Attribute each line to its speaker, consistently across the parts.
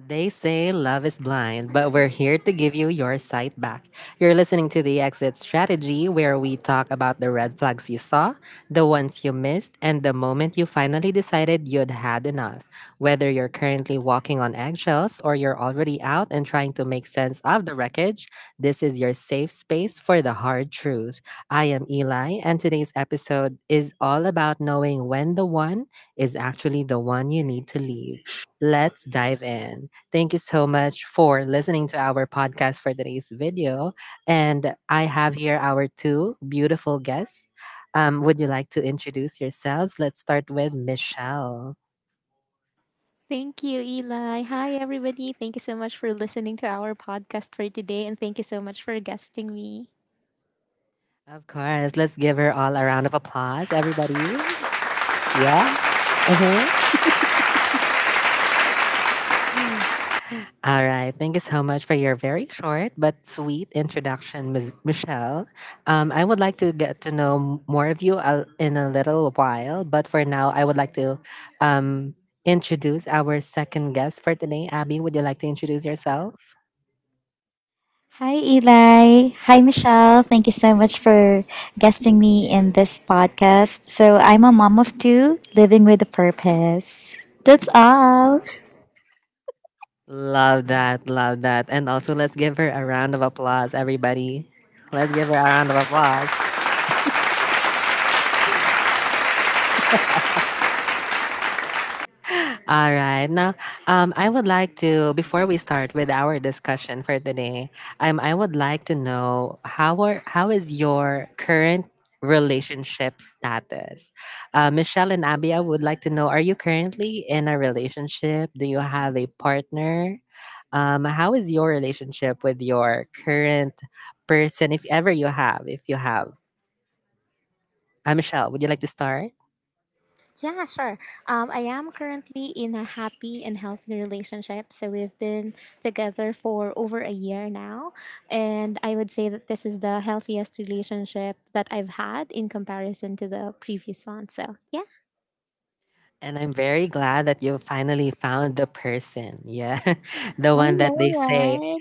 Speaker 1: They say love is blind, but we're here to give you your sight back. You're listening to The Exit Strategy, where we talk about the red flags you saw, the ones you missed, and the moment you finally decided you'd had enough. Whether you're currently walking on eggshells or you're already out and trying to make sense of the wreckage, this is your safe space for the hard truth. I am Eli, and today's episode is all about knowing when the one is actually the one you need to leave. Let's dive in. Thank you so much for listening to our podcast for today's video. And I have here our two beautiful guests. Would you like to introduce yourselves? Let's start with Michelle.
Speaker 2: Thank you, Eli. Hi, everybody. Thank you so much for listening to our podcast for today, and thank you so much for guesting me.
Speaker 1: Of course. Let's give her all a round of applause, everybody. Yeah. Uh huh. All right. Thank you so much for your very short but sweet introduction, Ms. Michelle. I would like to get to know more of you in a little while, but for now, I would like to um, introduce our second guest for today. Abby, would you like to introduce yourself?
Speaker 3: Hi, Eli. Hi, Michelle. Thank you so much for guesting me in this podcast. So, I'm a mom of two living with a purpose. That's all.
Speaker 1: Love that. Love that. And also, let's give her a round of applause, everybody. Let's give her a round of applause. All right. Now, I would like to, before we start with our discussion for today, I would like to know how is your current relationship status? Michelle and Abby, I would like to know: Are you currently in a relationship? Do you have a partner? How is your relationship with your current person, if ever you have? If you have, Michelle, would you like to start?
Speaker 2: Yeah, sure. I am currently in a happy and healthy relationship. So we've been together for over a year now. And I would say that this is the healthiest relationship that I've had in comparison to the previous one. So, yeah.
Speaker 1: And I'm very glad that you finally found the person. Yeah. The
Speaker 2: I
Speaker 1: one that
Speaker 2: know,
Speaker 1: they say,
Speaker 2: right?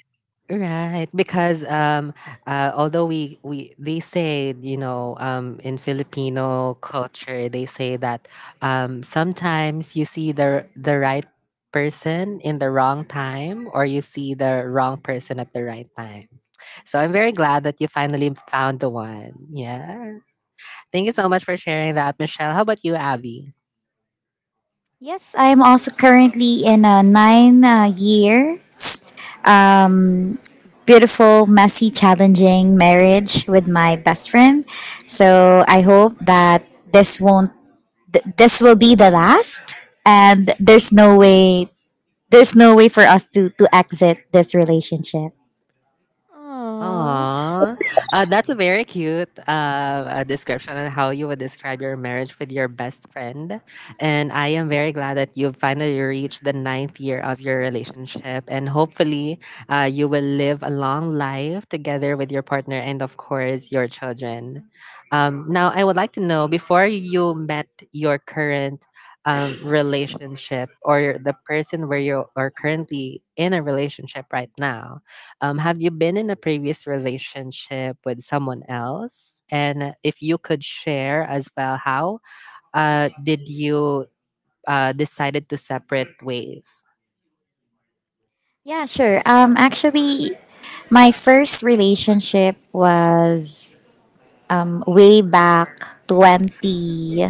Speaker 1: right? Because although we they say, you know, in Filipino culture, they say that sometimes you see the right person in the wrong time, or you see the wrong person at the right time. So I'm very glad that you finally found the one. Yeah. Thank you so much for sharing that, Michelle. How about you, Abby?
Speaker 3: Yes, I'm also currently in a nine years um, beautiful, messy, challenging marriage with my best friend. So, I hope that this won't, this will be the last, and there's no way. There's no way for us to exit this relationship.
Speaker 2: Aww.
Speaker 1: Aww. That's a very cute description on how you would describe your marriage with your best friend. And I am very glad that you've finally reached the ninth year of your relationship. And hopefully, you will live a long life together with your partner and, of course, your children. Now, I would like to know, before you met your current relationship, or the person where you are currently in a relationship right now, have you been in a previous relationship with someone else? And if you could share as well, how did you decided to separate ways?
Speaker 3: Yeah, sure. Actually, my first relationship was way back 20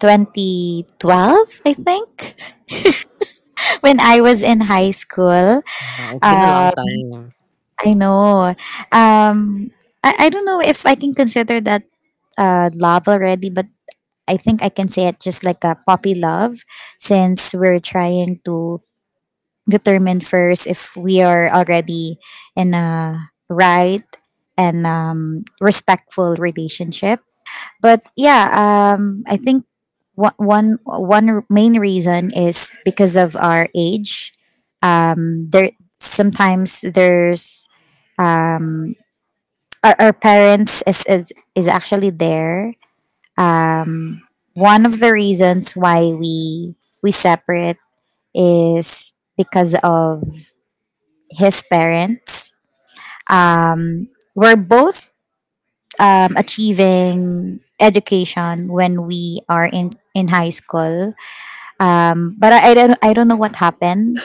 Speaker 3: 2012, I think, when I was in high school.
Speaker 1: Yeah, it's been a long
Speaker 3: Um,
Speaker 1: time.
Speaker 3: I know. Um, I don't know if I can consider that love already, but I think I can say it just like a puppy love, since we're trying to determine first if we are already in a right and respectful relationship. But yeah, I think main reason is because of our age. There sometimes there's um, our parents is actually there. Um, One of the reasons why we separate is because of his parents, um, were both achieving education when we are in high school. But I don't know what happened.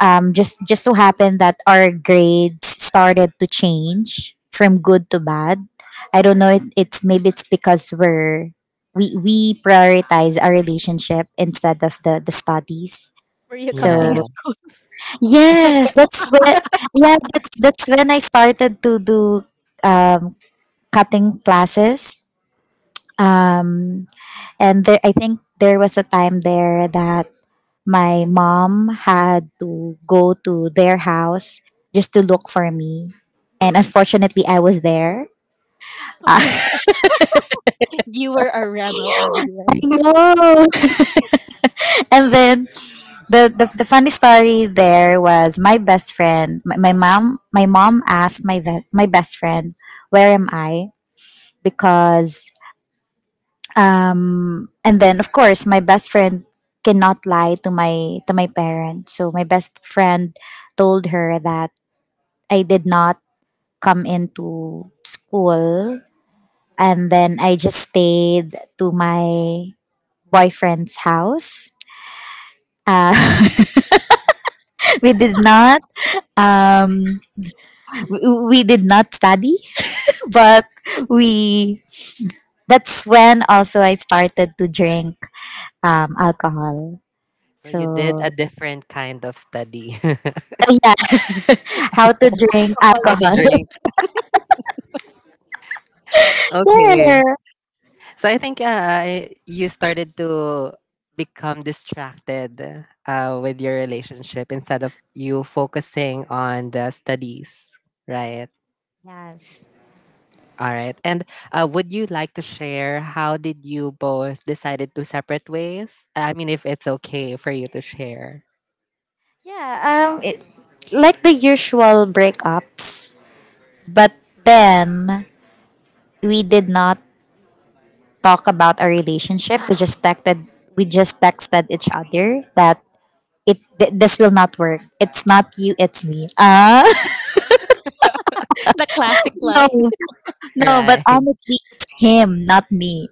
Speaker 3: Just so happened that our grades started to change from good to bad. I don't know. It, it's maybe it's because we prioritize our relationship instead of the studies.
Speaker 2: Were you
Speaker 1: Yeah.
Speaker 2: cutting
Speaker 3: So
Speaker 2: stones?
Speaker 3: Yes, that's when yeah, that's when I started to do um, cutting classes. Um, and there, I think there was a time there that my mom had to go to their house just to look for me, and unfortunately, I was there.
Speaker 2: Oh
Speaker 3: I
Speaker 2: my God. You were a rebel, Abigail.
Speaker 3: know. And then, the the funny story there was my best friend. My mom asked my best friend, "Where am I?" Because and then, of course, my best friend cannot lie to my parents, so my best friend told her that I did not come into school, and then I just stayed to my boyfriend's house. uh, we did not um we, we did not study, but we that's when also I started to drink alcohol,
Speaker 1: So you did
Speaker 3: so
Speaker 1: a different kind of study.
Speaker 3: Oh, yeah. How to drink
Speaker 1: How
Speaker 2: Alcoholic
Speaker 1: to
Speaker 3: alcohol.
Speaker 2: beverage.
Speaker 1: drink. Okay.
Speaker 3: Yeah.
Speaker 1: So I think you started to become distracted with your relationship instead of you focusing on the studies, right?
Speaker 3: Yes.
Speaker 1: All right. And would you like to share how did you both decided to separate ways? I mean, if it's okay for you to share.
Speaker 3: Yeah, it like the usual breakups, but then we did not talk about our relationship. We just texted each other that this will not work. It's not you, it's me.
Speaker 2: The classic
Speaker 3: No,
Speaker 2: line.
Speaker 3: no, but
Speaker 1: Right.
Speaker 3: honestly it's him, not me.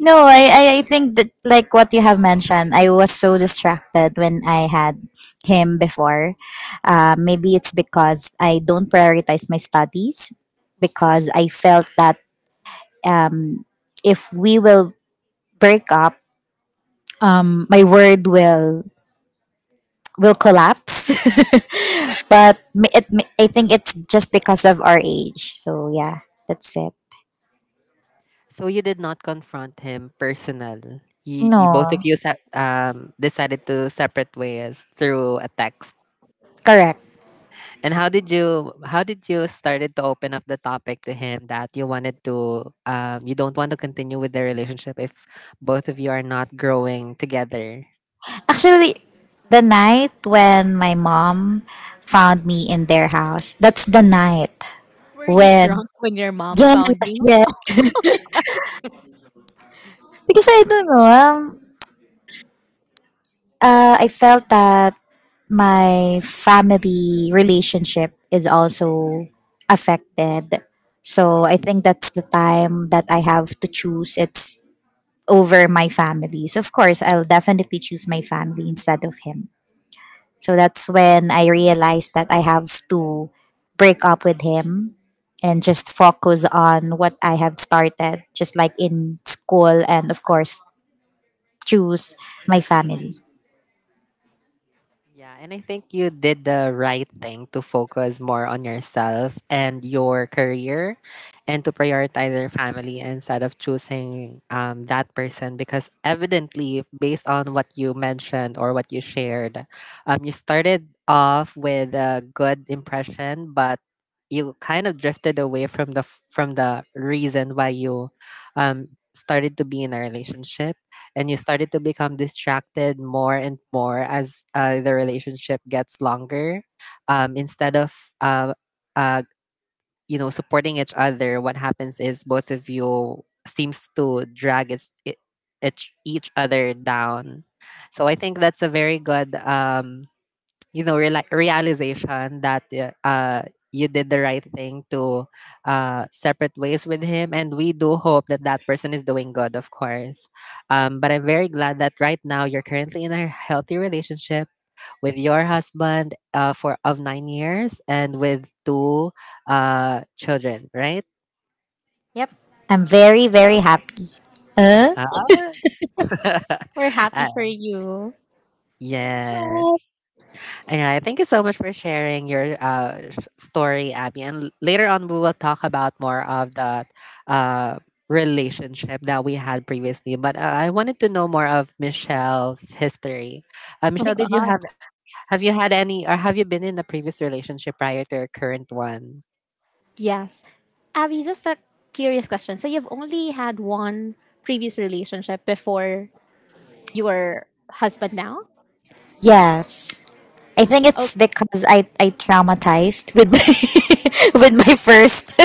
Speaker 3: No, I think that, like what you have mentioned, I was so distracted when I had him before. Maybe it's because I don't prioritize my studies, because I felt that, um, if we will break up, my word will collapse. But I think it's just because of our age. So yeah, that's it.
Speaker 1: So you did not confront him personal. You, both of
Speaker 3: No,
Speaker 1: you decided to separate ways through a text.
Speaker 3: correct.
Speaker 1: And how did you started to open up the topic to him that you wanted to, you don't want to continue with the relationship if both of you are not growing together?
Speaker 3: Actually, the night when my mom found me in their house, that's the night
Speaker 2: Were you
Speaker 3: when,
Speaker 2: drunk when your mom found
Speaker 3: yes,
Speaker 2: you?
Speaker 3: yes. Because I don't know, I felt that my family relationship is also affected. So I think that's the time that I have to choose. It's over my family. So of course, I'll definitely choose my family instead of him. So that's when I realized that I have to break up with him and just focus on what I have started, just like in school, and of course, choose my family.
Speaker 1: Yeah, and I think you did the right thing to focus more on yourself and your career, and to prioritize your family instead of choosing that person, because evidently based on what you mentioned or what you shared, you started off with a good impression, but you kind of drifted away from from the reason why you um, started to be in a relationship, and you started to become distracted more and more as the relationship gets longer, instead of uh, uh, you know, supporting each other. What happens is both of you seems to drag each other down. So I think that's a very good, you know, realization that you did the right thing to separate ways with him. And we do hope that that person is doing good, of course. But I'm very glad that right now you're currently in a healthy relationship with your husband for of 9 years, and with two children, right?
Speaker 3: Yep. I'm very, very happy. Uh?
Speaker 1: Ah.
Speaker 2: We're happy
Speaker 1: Uh,
Speaker 2: for you.
Speaker 3: Thanks, Rob.
Speaker 1: yes. All right. Thank you so much for sharing your story, Abby. And later on, we will talk about more of the uh, relationship that we had previously. But I wanted to know more of Michelle's history.
Speaker 2: Oh my
Speaker 1: Michelle,
Speaker 2: God.
Speaker 1: did you have you had any, or have you been in a previous relationship prior to your current one?
Speaker 2: Yes. Abby, just a curious question. So you've only had one previous relationship before your husband now?
Speaker 3: Yes. I think it's because I traumatized with my with my first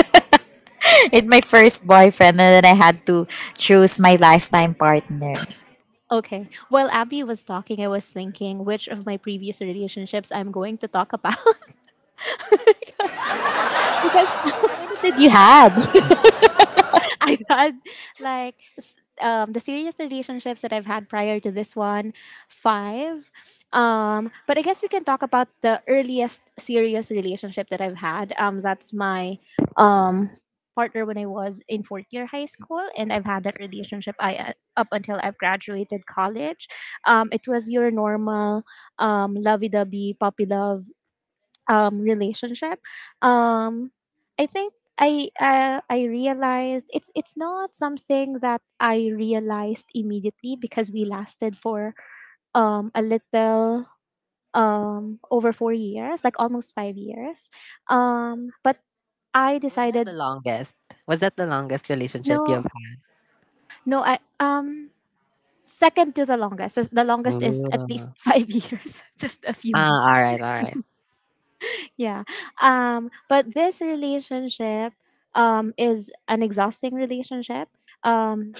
Speaker 3: with my first boyfriend, and then I had to choose my lifetime partner.
Speaker 2: Okay. While Abby was talking, I was thinking which of my previous relationships I'm going to talk about. because, because,
Speaker 3: How many did you had?
Speaker 2: I've had like the serious relationships that I've had prior to this one, five. But I guess we can talk about the earliest serious relationship that I've had. That's my um, partner when I was in fourth year high school, and I've had that relationship up until I've graduated college. It was your normal lovey dovey puppy love relationship. um I think I realized it's not something that I realized immediately, because we lasted for a little over 4 years, like almost 5 years. But I
Speaker 1: Was that the
Speaker 2: decided,
Speaker 1: longest? Was that the longest relationship you've
Speaker 2: no
Speaker 1: had?
Speaker 2: no I second to the longest is at least
Speaker 1: Ooh.
Speaker 2: 5 years, just a few
Speaker 1: Ah,
Speaker 2: months.
Speaker 1: all right, all right.
Speaker 2: Yeah. But this relationship is an exhausting relationship. Um,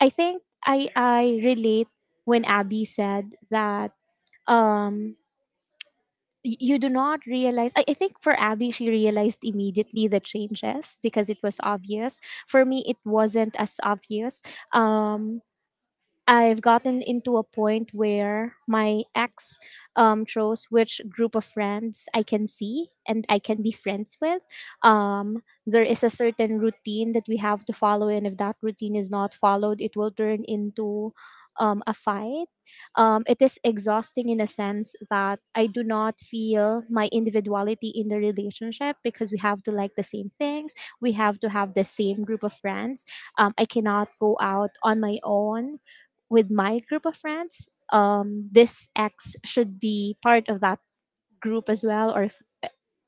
Speaker 2: I think I relate when Abby said that um you do not realize. I think for Abby she realized immediately the changes because it was obvious. For me it wasn't as obvious. Um I've gotten into a point where my ex chose which group of friends I can see and I can be friends with. There is a certain routine that we have to follow, and if that routine is not followed, it will turn into a fight. It is exhausting in a sense that I do not feel my individuality in the relationship, because we have to like the same things, we have to have the same group of friends. I cannot go out on my own with my group of friends; this X should be part of that group as well. Or if,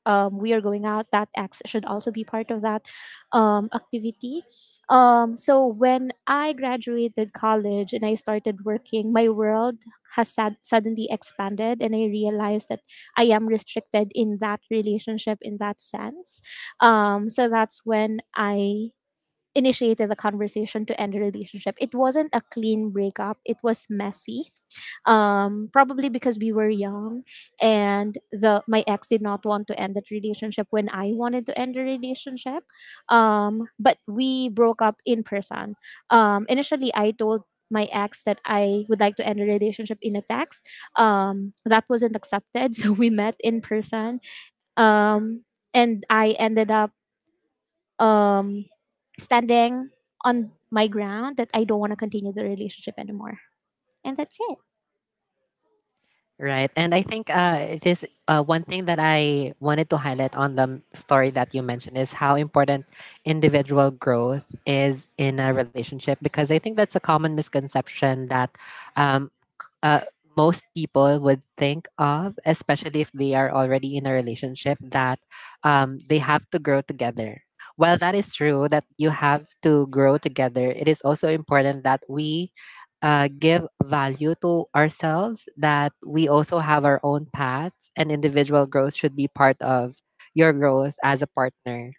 Speaker 2: we are going out, that X should also be part of that activity. So when I graduated college and I started working, my world has suddenly expanded, and I realized that I am restricted in that relationship in that sense. So that's when I initiated the conversation to end a relationship. It wasn't a clean breakup. It was messy. Probably because we were young, and the my ex did not want to end that relationship when I wanted to end the relationship. But we broke up in person. Initially I told my ex that I would like to end a relationship in a text. That wasn't accepted, so we met in person. Um, and I ended up um, standing on my ground that I don't want to continue the relationship anymore. And that's it.
Speaker 1: Right. And I think it is one thing that I wanted to highlight on the story that you mentioned is how important individual growth is in a relationship, because I think that's a common misconception that um, c- uh, most people would think of, especially if they are already in a relationship, that they have to grow together. While that is true that you have to grow together, it is also important that we give value to ourselves, that we also have our own paths, and individual growth should be part of your growth as a partner.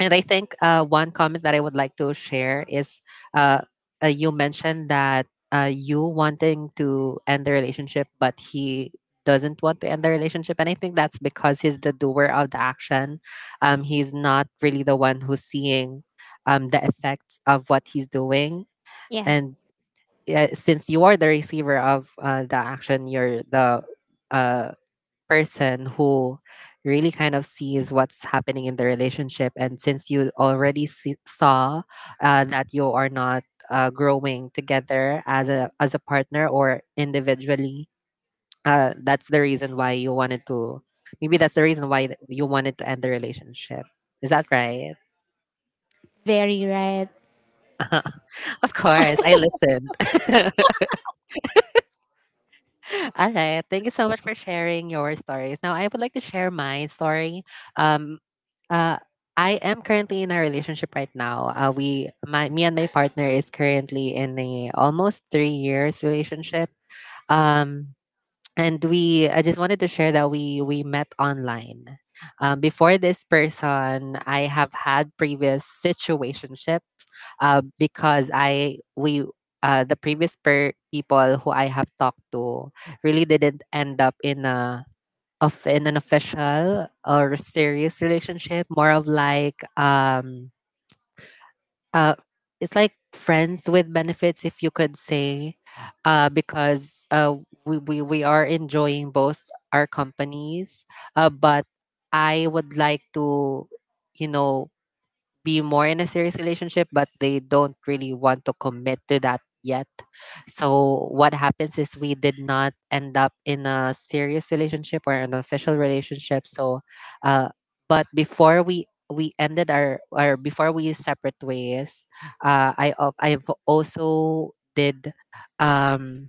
Speaker 1: And I think one comment that I would like to share is uh, you mentioned that you wanting to end the relationship, but he doesn't want to end the relationship. And I think that's because he's the doer of the action. He's not really the one who's seeing the effects of what he's doing.
Speaker 2: Yeah.
Speaker 1: And since you are the receiver of the action, you're the uh, person who really kind of sees what's happening in the relationship. And since you already saw that you are not growing together as a partner or individually, that's the reason why you wanted to. Maybe that's the reason why you wanted to end the relationship. Is that right?
Speaker 2: Very right.
Speaker 1: Of course, I listened. All right. Thank you so much for sharing your stories. Now, I would like to share my story. Um, uh, I am currently in a relationship right now. Me and my partner is currently in a almost 3 years relationship. Um, I just wanted to share that we met online. Before this person, I have had previous situationship, because I we the previous people who I have talked to really didn't end up in a, of, in an official or serious relationship. More of like, uh it's like friends with benefits, if you could say, because we are enjoying both our companies, but I would like to, you know, be more in a serious relationship, but they don't really want to commit to that yet. So what happens is we did not end up in a serious relationship or an official relationship. So, uh, but before we ended our, or before we separate ways, I've also did um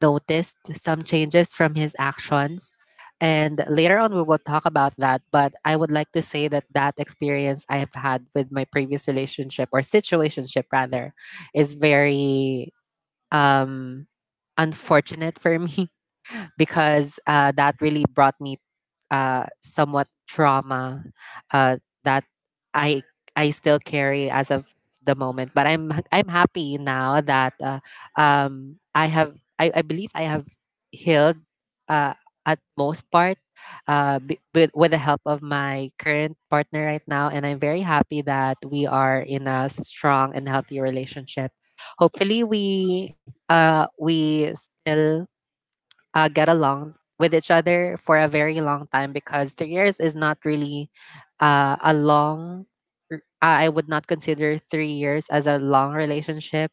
Speaker 1: noticed some changes from his actions. And later on, we will talk about that. But I would like to say that that experience I have had with my previous relationship, or situationship rather, is very um, unfortunate for me, because that really brought me somewhat trauma uh, that I I still carry as of the moment. But I'm happy now that I believe I have healed uh, at most part, with the help of my current partner right now, and I'm very happy that we are in a strong and healthy relationship. Hopefully, we still get along with each other for a very long time, because 3 years is not really uh, a long I would not consider 3 years as a long relationship.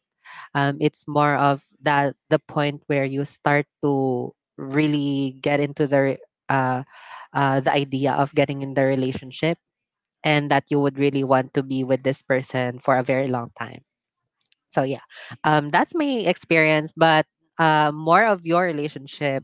Speaker 1: It's more of that the point where you start to really get into uh, the idea of getting in the relationship, and that you would really want to be with this person for a very long time. So yeah, that's my experience. But more of your relationship.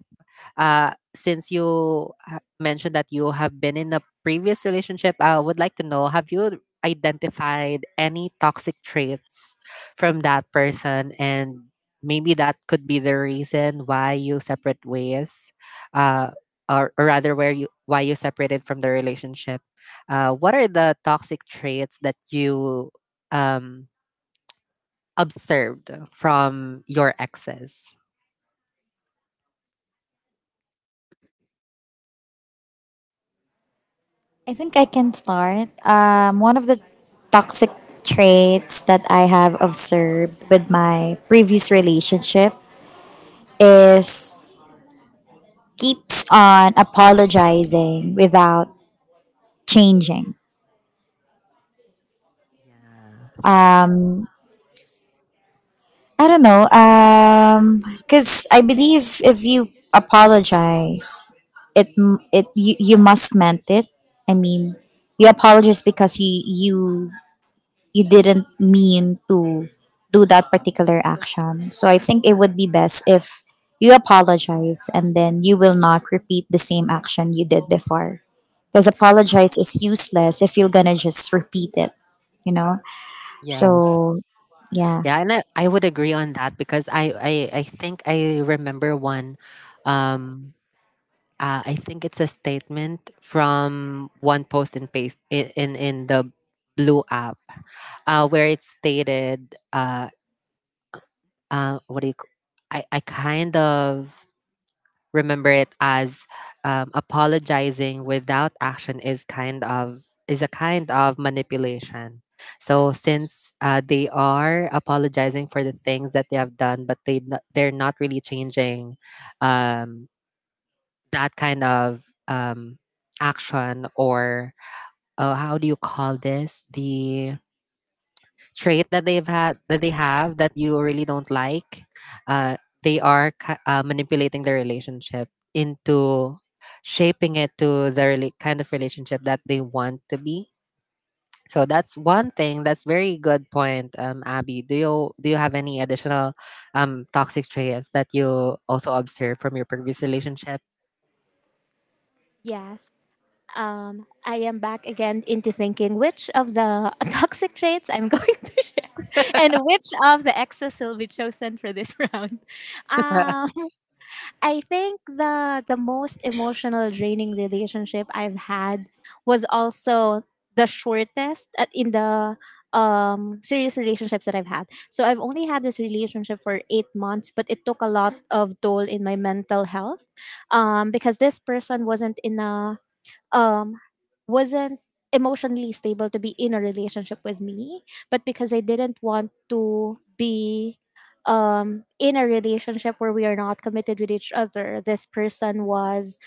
Speaker 1: Since mentioned that you have been in a previous relationship, I would like to know: have you identified any toxic traits from that person, and maybe that could be the reason why you separate ways, uh, or rather, where you why you separated from the relationship? What are the toxic traits that you um, observed from your exes?
Speaker 3: I think I can start. One of the toxic traits that I have observed with my previous relationship is keeps on apologizing without changing.
Speaker 1: Yes.
Speaker 3: Um, I don't know. Because I believe if you apologize, it m- it you, you must meant it. I mean, you apologize because you didn't mean to do that particular action. So I think it would be best if you apologize and then you will not repeat the same action you did before. Because apologize is useless if you're gonna just repeat it, you know? So,
Speaker 1: Yes.
Speaker 3: yeah.
Speaker 1: Yeah, and I would agree on that because I think I remember one um I think it's a statement from one post in paste in the blue app, where it stated, what do you c- I kind of remember it as, apologizing without action is kind of, is a kind of manipulation. So since they are apologizing for the things that they have done, but they're not really changing um, that kind of, action, or how do you call this, the trait that they've had, that they have, that you really don't like. uh, they are manipulating the relationship into shaping it to the kind of relationship that they want to be. So that's one thing. That's very good point. Abby, do you have any additional toxic traits that you also observe from your previous relationship?
Speaker 2: Yes. I am back again into thinking which of the toxic traits I'm going to share, and which of the exes will be chosen for this round. Um, I think the most emotional draining relationship I've had was also the shortest in the serious relationships that I've had. So I've only had this relationship for 8 months, but it took a lot of toll in my mental health. Because this person wasn't in a um, wasn't emotionally stable to be in a relationship with me, but because I didn't want to be in a relationship where we are not committed with each other, this person was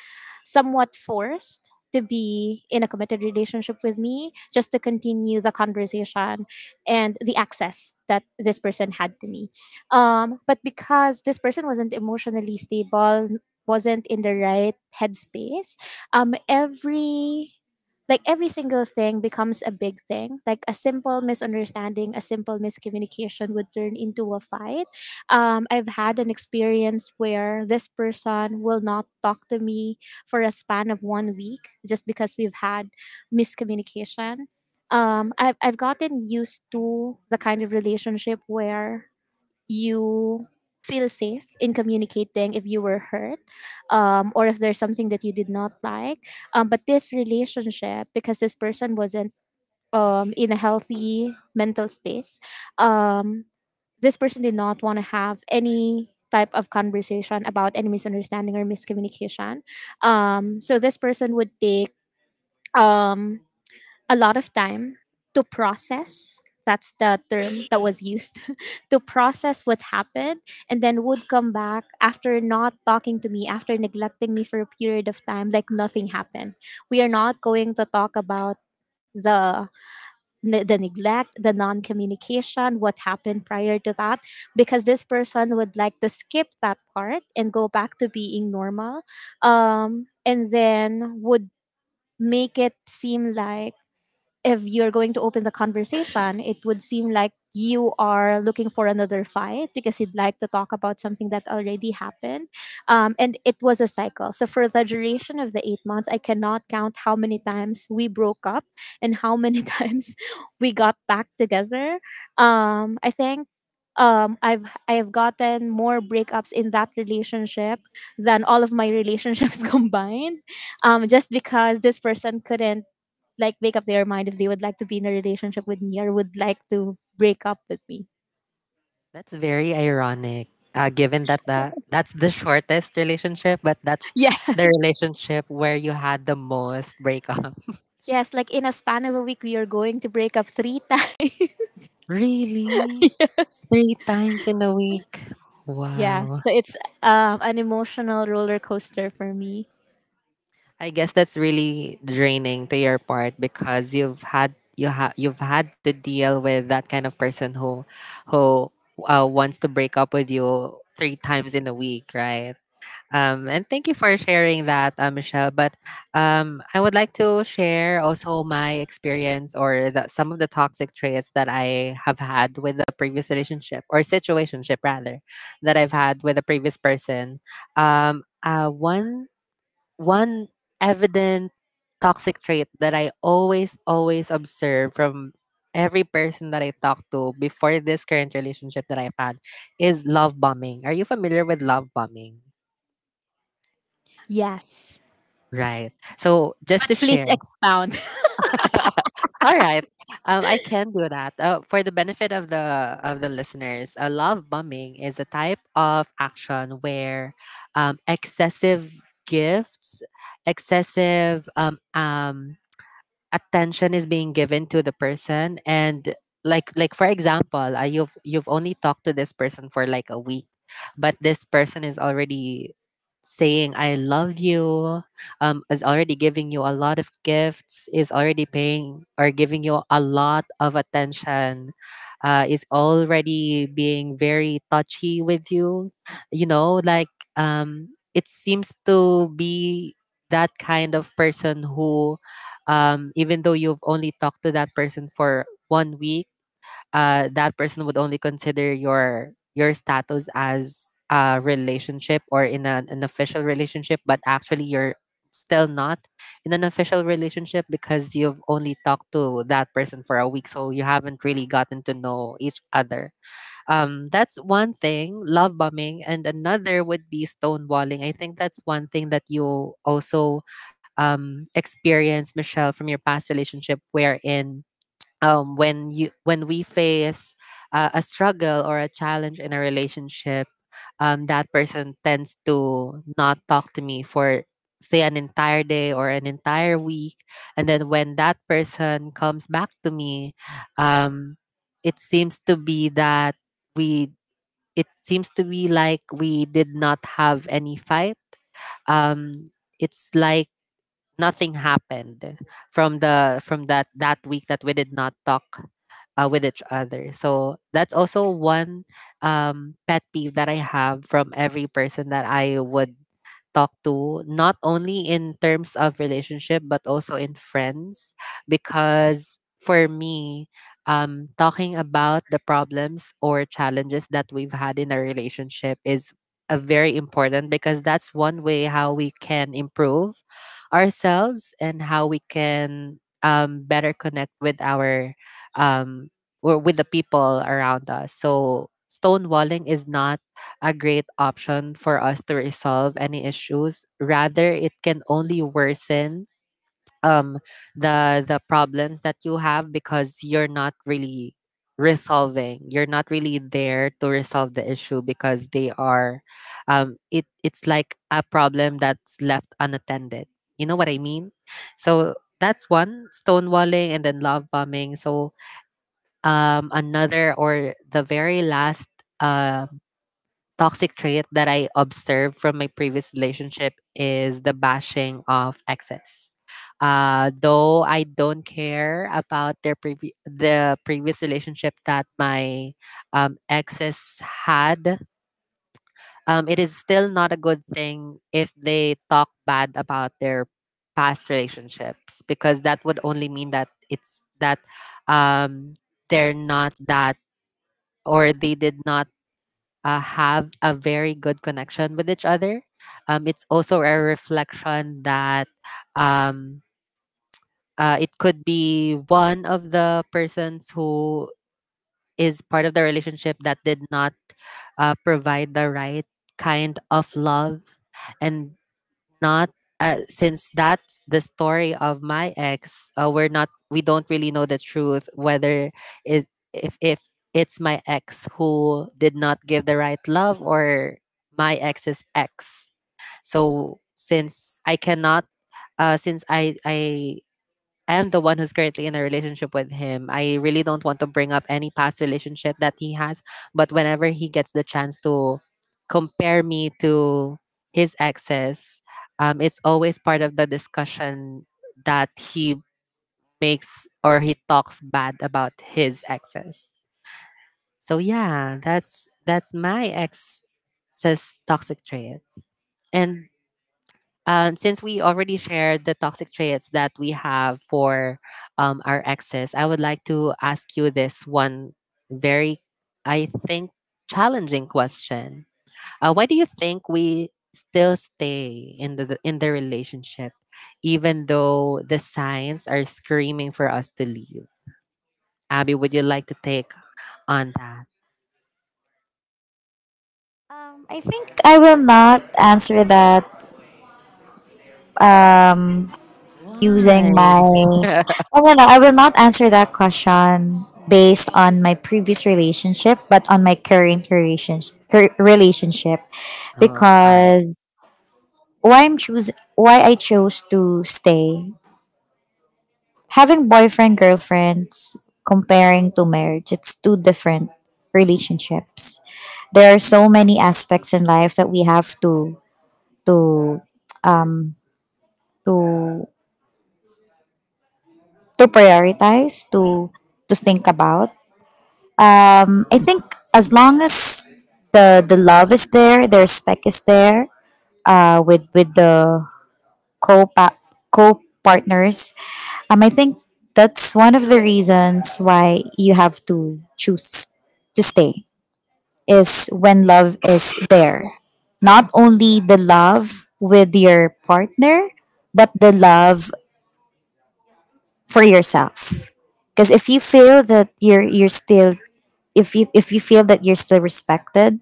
Speaker 2: somewhat forced to be in a committed relationship with me just to continue the conversation and the access that this person had to me. But because this person wasn't emotionally stable, wasn't in the right headspace, every like every single thing becomes a big thing, like a simple misunderstanding, a simple miscommunication would turn into a fight. I've had an experience where this person will not talk to me for a span of one week, just because we've had miscommunication. I've gotten used to the kind of relationship where you feel safe in communicating if you were hurt, or if there's something that you did not like. But this relationship, because this person wasn't in a healthy mental space, um, this person did not want to have any type of conversation about any misunderstanding or miscommunication. So this person would take um, a lot of time to process. That's the term that was used to process what happened, and then would come back after not talking to me, after neglecting me for a period of time, like nothing happened. We are not going to talk about the the neglect, the non-communication, what happened prior to that, because this person would like to skip that part and go back to being normal, and then would make it seem like if you're going to open the conversation, it would seem like you are looking for another fight because you'd like to talk about something that already happened. And it was a cycle. So, for the duration of the 8 months, I cannot count how many times we broke up and how many times we got back together. I think. I have gotten more breakups in that relationship than all of my relationships combined, just because this person couldn't like make up their mind if they would like to be in a relationship with me or would like to break up with me.
Speaker 1: That's very ironic, given that the that's the shortest relationship, but that's
Speaker 2: Yeah.
Speaker 1: the relationship where you had the most breakup.
Speaker 2: Yes, like in a span of a week, we are going to break up three times.
Speaker 1: Really? Three times in a week?
Speaker 2: Yeah,
Speaker 1: Wow.
Speaker 2: so it's an emotional roller coaster for me.
Speaker 1: I guess that's really draining to your part, because you've had, you've had to deal with that kind of person who, wants to break up with you three times in a week, right? And thank you for sharing that, Michelle. But I would like to share also my experience, or some of the toxic traits that I have had with the previous relationship, or situationship rather, that I've had with a previous person. Um, uh, one one evident toxic trait that I always observe from every person that I talk to before this current relationship that I've had is love bombing. Are you familiar with love bombing?
Speaker 2: Yes.
Speaker 1: Right. So just
Speaker 2: But
Speaker 1: to
Speaker 2: please
Speaker 1: share.
Speaker 2: expound.
Speaker 1: All right. I can do that. For the benefit of the listeners, love bombing is a type of action where excessive gifts, excessive attention is being given to the person. And like for example, you've only talked to this person for like a week, but this person is already saying, "I love you," is already giving you a lot of gifts, is already paying or giving you a lot of attention, is already being very touchy with you, you know like, um it seems to be that kind of person who, even though you've only talked to that person for one week, that person would only consider your status as a relationship, or in an official relationship, but actually you're still not in an official relationship because you've only talked to that person for a week, so you haven't really gotten to know each other. That's one thing, love bombing, and another would be stonewalling. I think that's one thing that you also, experience, Michelle, from your past relationship, wherein when you when we face a struggle or a challenge in a relationship, that person tends to not talk to me for, say, an entire day or an entire week, and then when that person comes back to me, um, it seems to be that we it seems to be like we did not have any fight. Um, it's like nothing happened from the from that week that we did not talk with each other. So that's also one pet peeve that I have from every person that I would talk to, not only in terms of relationship, but also in friends. Because for me, talking about the problems or challenges that we've had in our relationship is a very important, because that's one way how we can improve ourselves and how we can better connect with our um, or with the people around us. So stonewalling is not a great option for us to resolve any issues. Rather, it can only worsen um the problems that you have, because you're not really resolving you're not really there to resolve the issue, because they are it's like a problem that's left unattended, you know what I mean? So that's one, stonewalling, and then love bombing. So another, or the very last uh toxic trait that I observed from my previous relationship is the bashing of exes. Though I don't care about the previous relationship that my, exes had, it is still not a good thing if they talk bad about their past relationships, because that would only mean that it's that, um, they're not that, or they did not have a very good connection with each other. It's also a reflection that, um, it could be one of the persons who is part of the relationship that did not provide the right kind of love, and not since that's the story of my ex, we don't really know the truth whether, is if it's my ex who did not give the right love, or my ex's ex. So since I cannot, since I am the one who's currently in a relationship with him, I really don't want to bring up any past relationship that he has, but whenever he gets the chance to compare me to his exes, it's always part of the discussion that he makes, or he talks bad about his exes. So yeah, that's my ex's toxic traits. And since we already shared the toxic traits that we have for our exes, I would like to ask you this one very, I think, challenging question. Why do you think we still stay in the relationship, even though the signs are screaming for us to leave? Abby, would you like to take on that?
Speaker 3: I think I will not answer that, um,
Speaker 1: Why?
Speaker 3: using my oh,
Speaker 1: Oh.
Speaker 3: no, no, I will not answer that question based on my previous relationship, but on my current relationship. relationship
Speaker 1: All right.
Speaker 3: because why i'm choose why I chose to stay, having boyfriend girlfriends comparing to marriage, it's two different relationships. There are so many aspects in life that we have to to to prioritize, to think about. I think, as long as the love is there, their spec is there, uh, with with the co co partners, I think that's one of the reasons why you have to choose to stay, is when love is there. Not only the love with your partner, but the love for yourself. Because if you feel that you're still if you feel that you're still respected,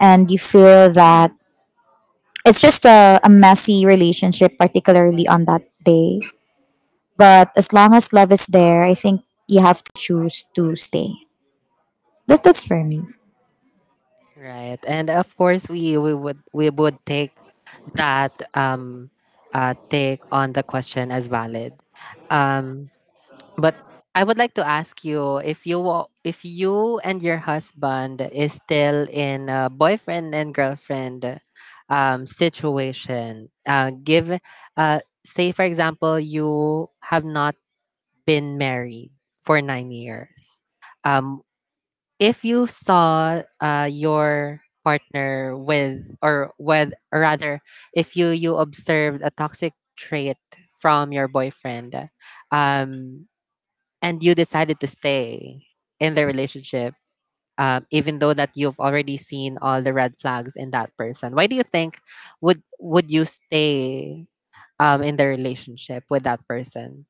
Speaker 3: and you feel that it's just a messy relationship, particularly on that day. But as long as love is there, I think you have to choose to stay. That's for me.
Speaker 1: Right, and of course we, we would that um, take on the question as valid. Um, but I would like to ask you, if if you and your husband is still in a boyfriend and girlfriend situation. Give Say for example you have not been married for 9 years. Um, if you saw, your partner with, or with or rather, if you observed a toxic trait from your boyfriend, um and you decided to stay in the relationship, even though that you've already seen all the red flags in that person, why do you think would you stay in the relationship with that person?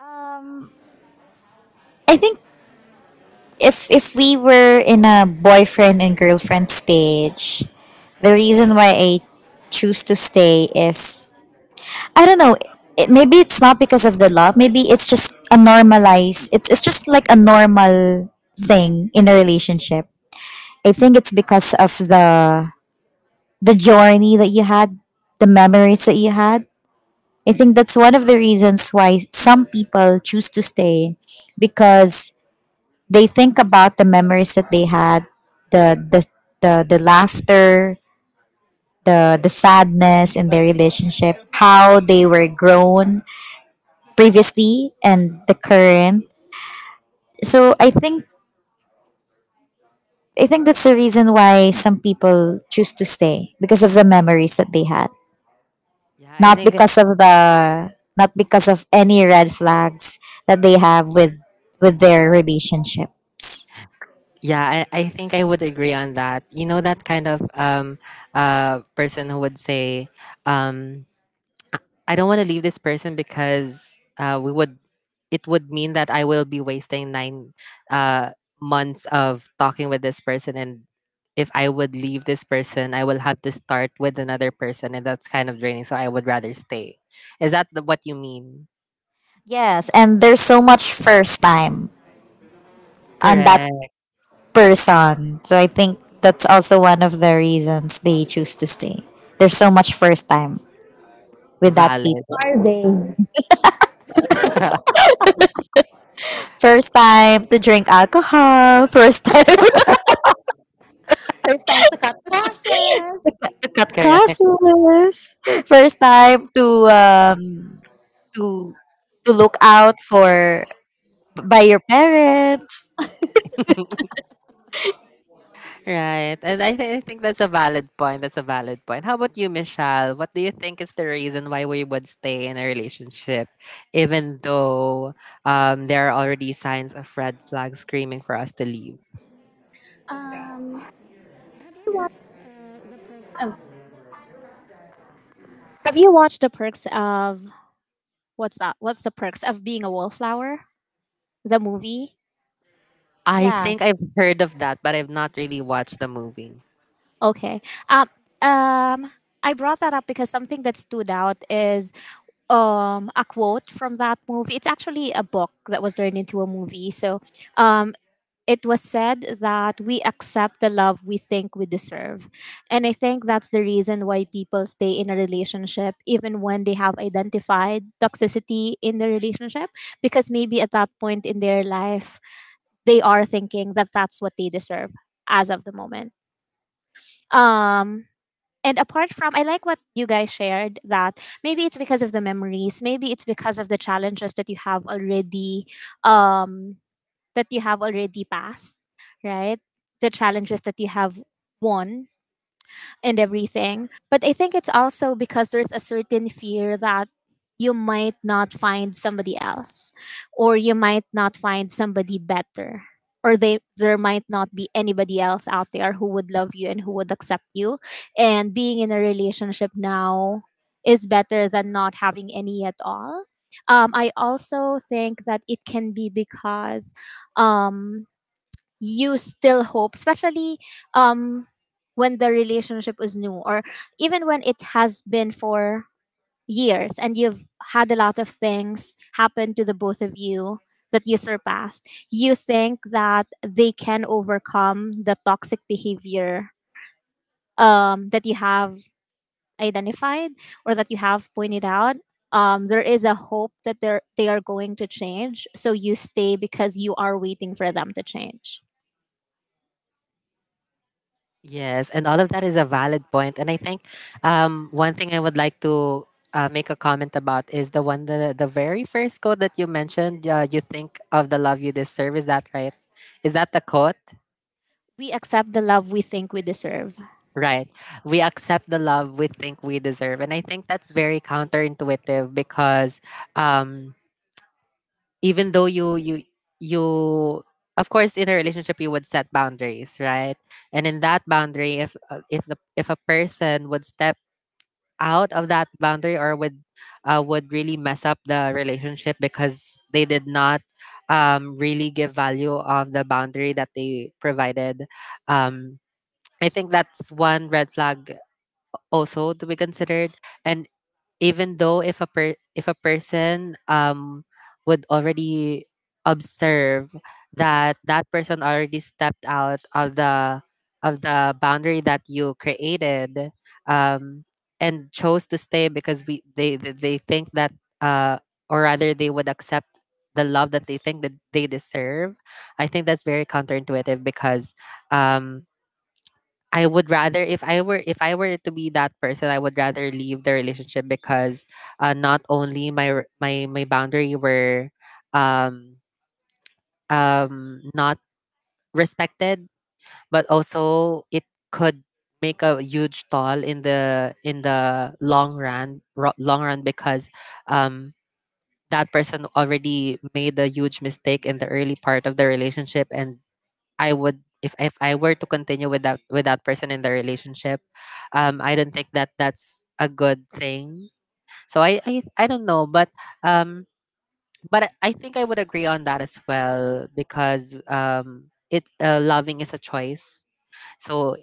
Speaker 3: Um, I think, if we were in a boyfriend and girlfriend stage, the reason why I choose to stay is, I don't know. Maybe it's not because of the love. Maybe it's just a normalized. It's just like a normal thing in a relationship. I think it's because of the journey that you had, the memories that you had. I think that's one of the reasons why some people choose to stay, because they think about the memories that they had, the the the laughter, the sadness in their relationship, how they were grown previously and the current. So I think that's the reason why some people choose to stay, because of the memories that they had.
Speaker 1: Yeah, I
Speaker 3: Not
Speaker 1: think.
Speaker 3: because of any red flags that they have with their relationships.
Speaker 1: Yeah, I think I would agree on that. You know that kind of person who would say, um I don't want to leave this person, because we would it would mean that I will be wasting nine, uh, months of talking with this person, and if I would leave this person, I will have to start with another person, and that's kind of draining. So I would rather stay. Is that what you mean?
Speaker 3: Yes, and there's so much first time on that
Speaker 1: Correct.
Speaker 3: person. So I think that's also one of the reasons they choose to stay. There's so much first time with that
Speaker 1: Valid.
Speaker 3: people.
Speaker 2: Are they?
Speaker 3: First time to drink alcohol, first time
Speaker 2: First time to cut process.
Speaker 3: to cut
Speaker 1: Correct.
Speaker 3: classes, first time to to look out for by your parents.
Speaker 1: Right. And I think that's a valid point. That's a valid point. How about you, Michelle? What do you think is the reason why we would stay in a relationship, even though there are already signs of red flags screaming for us to leave?
Speaker 2: Um, you watch- oh, have you watched the perks of, what's that? What's the perks of being a wallflower? The movie.
Speaker 1: I
Speaker 3: Yeah.
Speaker 1: think I've heard of that, but I've not really watched the movie.
Speaker 2: Okay. Um, um, I brought that up because something that stood out is a quote from that movie. It's actually a book that was turned into a movie. So, um, it was said that we accept the love we think we deserve. And I think that's the reason why people stay in a relationship, even when they have identified toxicity in the relationship, because maybe at that point in their life, they are thinking that that's what they deserve as of the moment. Um, and apart from, I like what you guys shared, that maybe it's because of the memories, maybe it's because of the challenges um, that you have already passed, right? The challenges that you have won and everything. But I think it's also because there's a certain fear that you might not find somebody else, or you might not find somebody better, or they there might not be anybody else out there who would love you and who would accept you, and being in a relationship now is better than not having any at all. I also think that it can be because, um, you still hope, especially um, when the relationship is new or even when it has been for years and you've had a lot of things happen to the both of you that you surpassed. You think that they can overcome the toxic behavior that you have identified or that you have pointed out. There is a hope that they are going to change. So you stay because you are waiting for them to change.
Speaker 1: Yes, and all of that is a valid point. And I think one thing I would like to make a comment about is the very first quote that you mentioned. You think of the love you deserve. Is that right? Is that the quote?
Speaker 2: We accept the love we think we deserve.
Speaker 1: Right. We accept the love we think we deserve, and I think that's very counterintuitive, because um, even though you, of course, in a relationship you would set boundaries, right? And in that boundary, if, if the if a person would step out of that boundary, or would, would really mess up the relationship because they did not, really give value of the boundary that they provided. Um, I think that's one red flag also to be considered. And even though if if a person would already observe that that person already stepped out of the boundary that you created um and chose to stay because they think that uh or rather they would accept the love that they think that they deserve. I think that's very counterintuitive because um I would rather, if I were to be that person, I would rather leave the relationship because, not only my r- my boundary were um um not respected, but also it could make a huge toll in the long run because um that person already made a huge mistake in the early part of the relationship. And I would, if I were to continue with that person in the relationship, I don't think that that's a good thing. So I don't know, um, but I think I would agree on that as well because, it loving is a choice. So,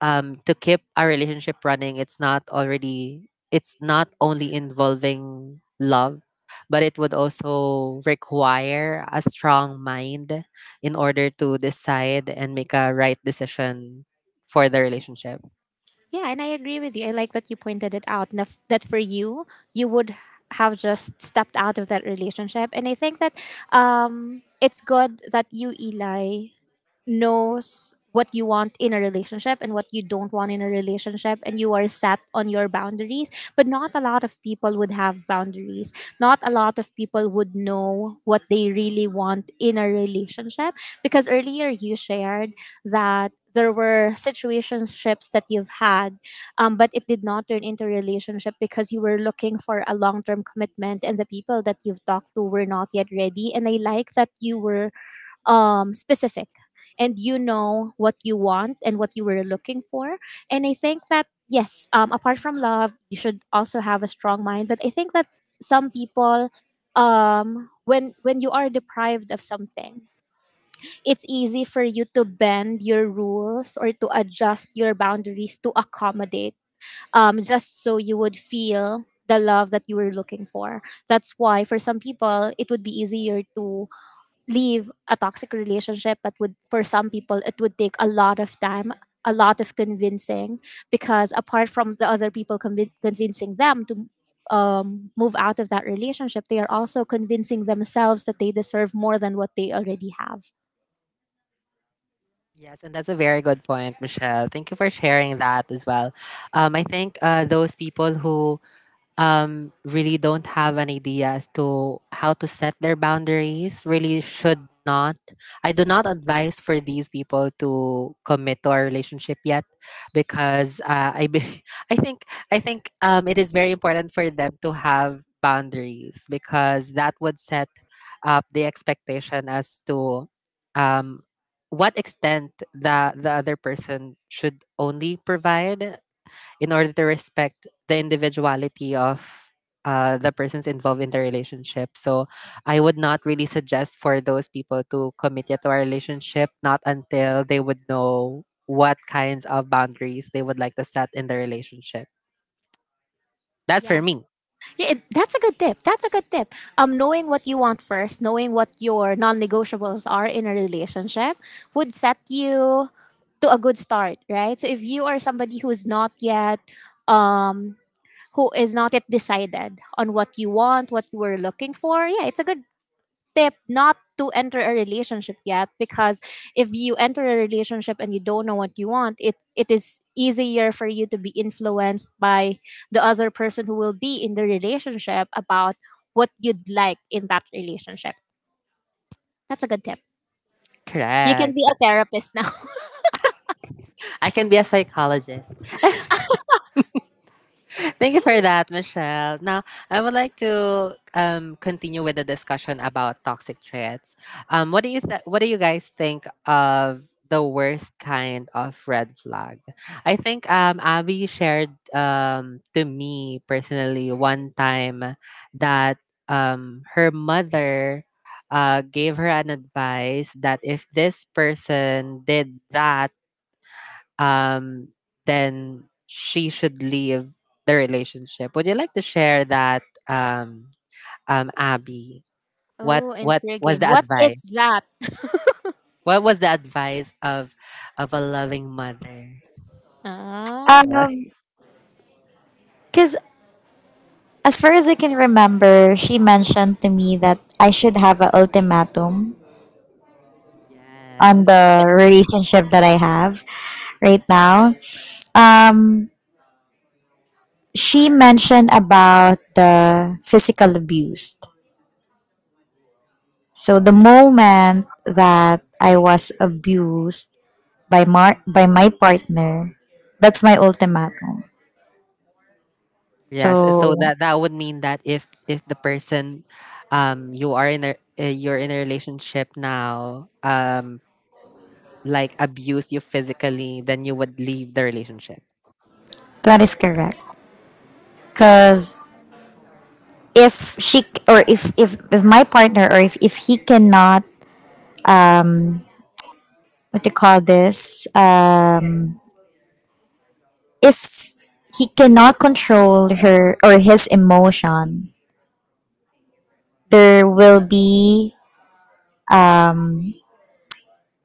Speaker 1: to keep our relationship running, it's not only involving love, but it would also require a strong mind in order to decide and make a right decision for the relationship.
Speaker 2: Yeah, and I agree with you. I like that you pointed it out. That for you, you would have just stepped out of that relationship, and I think that, it's good that you, Eli, knows what you want in a relationship and what you don't want in a relationship, and you are set on your boundaries, but not a lot of people would have boundaries, not a lot of people would know what they really want in a relationship, because earlier you shared that there were situationships that you've had, but it did not turn into relationship because you were looking for a long term commitment, and the people that you've talked to were not yet ready. And I like that you were specific and you know what you want and what you were looking for. And I think that, yes, apart from love, you should also have a strong mind. But I think that some people, when you are deprived of something, it's easy for you to bend your rules or to adjust your boundaries to accommodate, just so you would feel the love that you were looking for. That's why for some people it would be easier to leave a toxic relationship, but would for some people it would take a lot of time, a lot of convincing, because apart from the other people convincing them to move out of that relationship, they are also convincing themselves that they deserve more than what they already have.
Speaker 1: Yes, and that's a very good point, Michelle. Thank you for sharing that as well. I think, those people who, really don't have an idea as to how to set their boundaries really should not. I do not advise for these people to commit to our relationship yet because, I think, it is very important for them to have boundaries because that would set up the expectation as to, um, what extent the other person should only provide in order to respect the individuality of, the persons involved in the relationship. So I would not really suggest for those people to commit yet to a relationship, not until they would know what kinds of boundaries they would like to set in the relationship. That's for
Speaker 2: Yeah.
Speaker 1: me.
Speaker 2: Yeah, that's a good tip. That's a good tip. Knowing what you want first, knowing what your non-negotiables are in a relationship, would set you to a good start, right? So if you are somebody who's not yet um who is not yet decided on what you want, what you were looking for, yeah, it's a good tip not to enter a relationship yet, because if you enter a relationship and you don't know what you want, it is easier for you to be influenced by the other person who will be in the relationship about what you'd like in that relationship. That's a good tip. You can be
Speaker 1: Correct.
Speaker 2: a therapist now.
Speaker 1: I can be a psychologist. Thank you for that, Michelle. Now, I would like to, continue with the discussion about toxic traits. What do you guys think of the worst kind of red flag? I think, Abby shared, to me personally one time that, her mother, gave her an advice that if this person did that, um, then she should leave the relationship. Would you like to share that, Abby? What
Speaker 2: Oh,
Speaker 1: what was
Speaker 2: intriguing.
Speaker 1: the
Speaker 2: What is
Speaker 1: advice?
Speaker 2: that?
Speaker 1: What was the advice of a loving mother?
Speaker 2: Ah.
Speaker 3: Um, because, as far as I can remember, she mentioned to me that I should have an ultimatum
Speaker 1: Yeah.
Speaker 3: on
Speaker 1: Yes,
Speaker 3: the relationship that I have right now. Um, she mentioned about the physical abuse. So the moment that I was abused by my partner, that's my ultimatum.
Speaker 1: yes.
Speaker 3: So
Speaker 1: So that that would mean that if the person, you are in a you're in a relationship now, like, abuse you physically, then you would leave the relationship.
Speaker 3: that is correct. Cause if she, or if my partner, or if he cannot, um what do you call this, if he cannot control her or his emotion, there will be um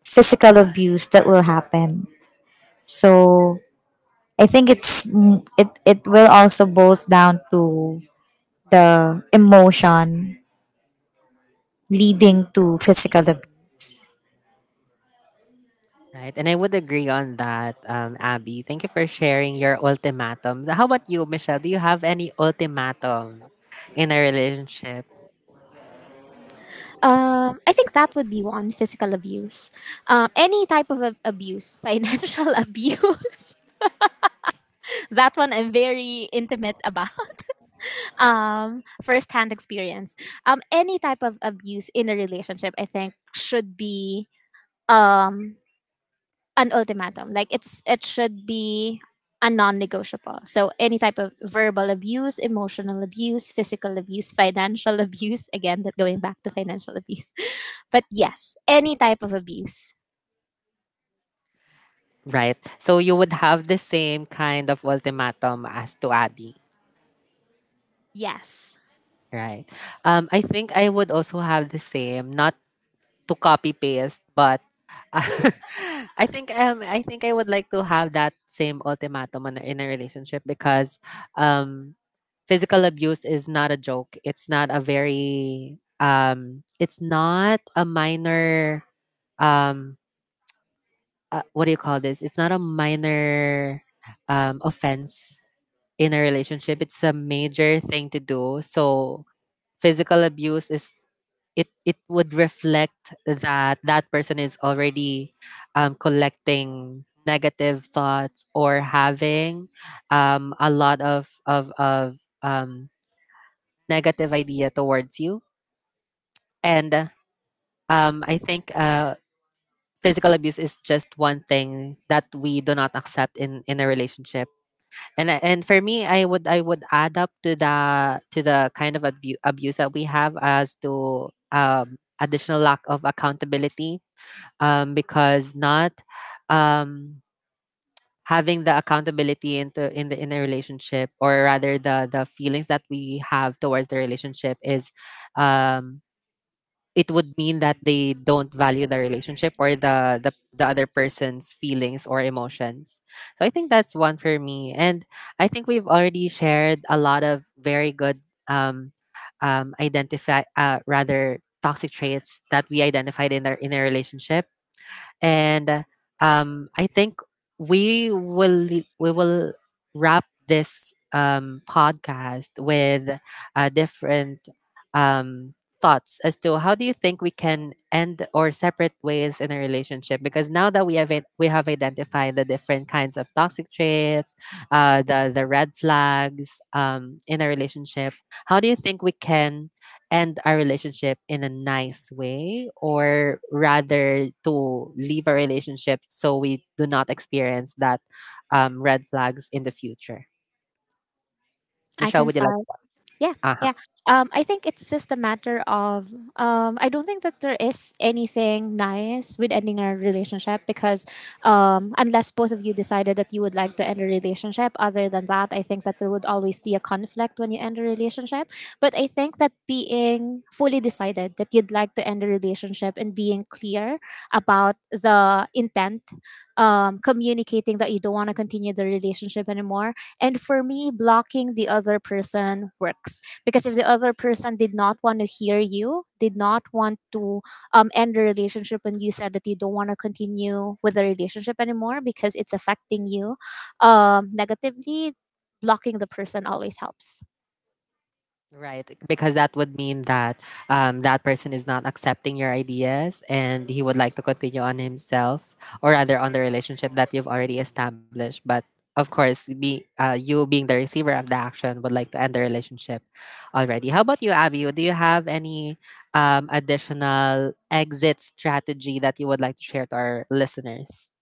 Speaker 3: physical abuse that will happen. So I think it's, it will also boils down to the emotion leading to physical abuse.
Speaker 1: Right, and I would agree on that, Abby. Thank you for sharing your ultimatum. How about you, Michelle? Do you have any ultimatum in a relationship?
Speaker 2: I think that would be one: physical abuse. Any type of abuse, financial abuse. That one I'm very intimate about. First-hand experience. Any type of abuse in a relationship, I think, should be um an ultimatum. Like, it should be a non-negotiable. So any type of verbal abuse, emotional abuse, physical abuse, financial abuse. Again, that going back to financial abuse. But yes, any type of abuse.
Speaker 1: Right, so you would have the same kind of ultimatum as to Abby,
Speaker 2: Yes,
Speaker 1: right? I think I would also have the same, not to copy paste, but I think I would like to have that same ultimatum on, in a relationship because, um physical abuse is not a joke. It's not a very it's not a minor um what do you call this? It's not a minor offense in a relationship. It's a major thing to do. So physical abuse is, it would reflect that that person is already, collecting negative thoughts or having, a lot of negative idea towards you, and, I think physical abuse is just one thing that we do not accept in a relationship. And for me, I would add up to the kind of abuse that we have as to, additional lack of accountability, because not, um having the accountability into in the in a relationship, or rather the feelings that we have towards the relationship, is, um it would mean that they don't value the relationship or the other person's feelings or emotions. So I think that's one for me, and I think we've already shared a lot of very good, um, identify rather toxic traits that we identified in our in a relationship, and, I think we will we will wrap this, podcast with, different, um, thoughts as to how do you think we can end or separate ways in a relationship. Because now that we have it, we have identified the different kinds of toxic traits, the red flags, in a relationship, how do you think we can end our relationship in a nice way, or rather to leave a relationship so we do not experience that, red flags in the future?
Speaker 2: I
Speaker 1: Michelle,
Speaker 2: can
Speaker 1: would you like?
Speaker 2: start. Yeah,
Speaker 1: Uh-huh.
Speaker 2: yeah. I think it's just a matter of, I don't think that there is anything nice with ending a relationship, because, unless both of you decided that you would like to end a relationship, other than that, I think that there would always be a conflict when you end a relationship. But I think that being fully decided that you'd like to end a relationship and being clear about the intent, communicating that you don't want to continue the relationship anymore, and for me, blocking the other person works, because if the other person did not want to hear you, did not want to end the relationship when you said that you don't want to continue with the relationship anymore because it's affecting you negatively, blocking the person always helps.
Speaker 1: Right, because that would mean that, that person is not accepting your ideas and he would like to continue on himself or rather on the relationship that you've already established. But of course, you being the receiver of the action would like to end the relationship already. How about you, Abby? Do you have any, additional exit strategy that you would like to share to our listeners?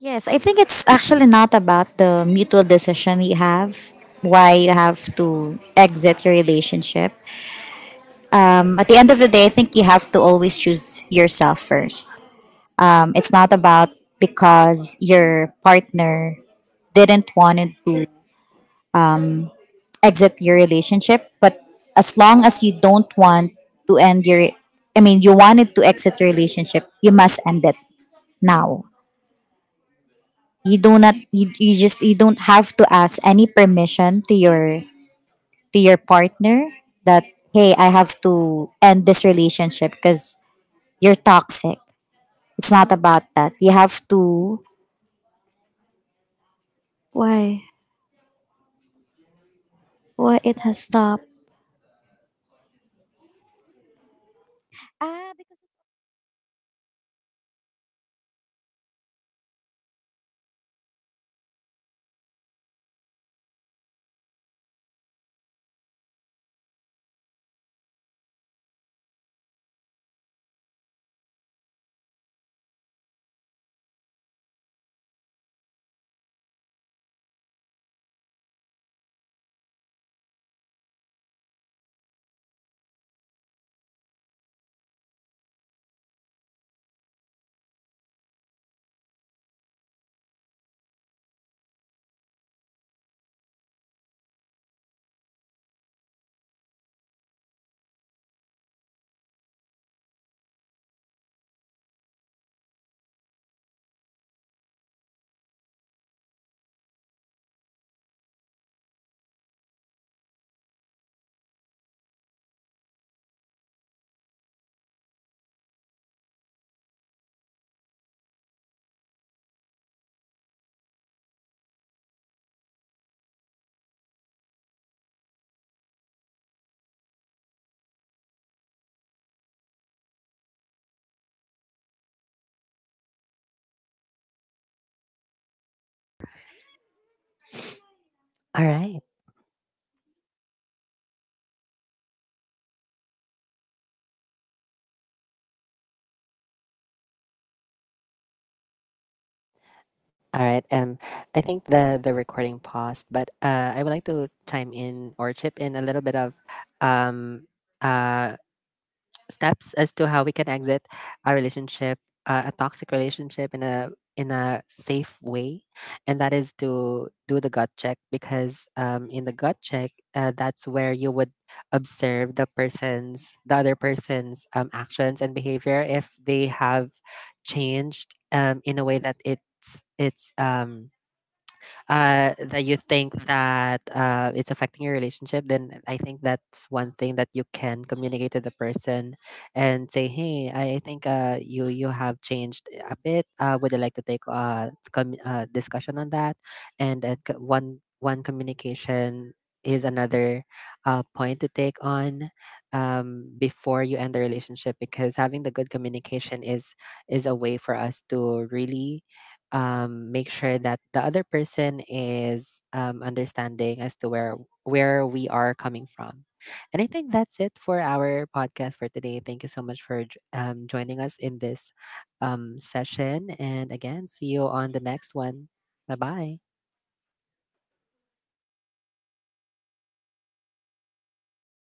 Speaker 3: Yes, I think it's actually not about the mutual decision you have, why you have to exit your relationship. At the end of the day, I think you have to always choose yourself first. It's not about because your partner didn't want to exit your relationship, but as long as you don't want to end your — I mean, you wanted to exit your relationship, you must end it now. You do not you, you just you don't have to ask any permission to your partner that, "Hey, I have to end this relationship because you're toxic." It's not about that. You have to, why why it has stopped. Ah,
Speaker 4: All right. All right. I think the recording paused, but I would like to chime in or chip in a little bit of um, uh, steps as to how we can exit a relationship, a toxic relationship in a safe way, and that is to do the gut check because in the gut check, that's where you would observe the person's the other person's actions and behavior. If they have changed in a way that it's that you think that it's affecting your relationship, then I think that's one thing that you can communicate to the person and say, "Hey, I think you have changed a bit. Would you like to take a discussion on that?" And one communication is another point to take on before you end the relationship, because having the good communication is a way for us to really make sure that the other person is understanding as to where we are coming from. And I think that's it for our podcast for today. Thank you so much for joining us in this session. And again, see you on the next one. Bye bye.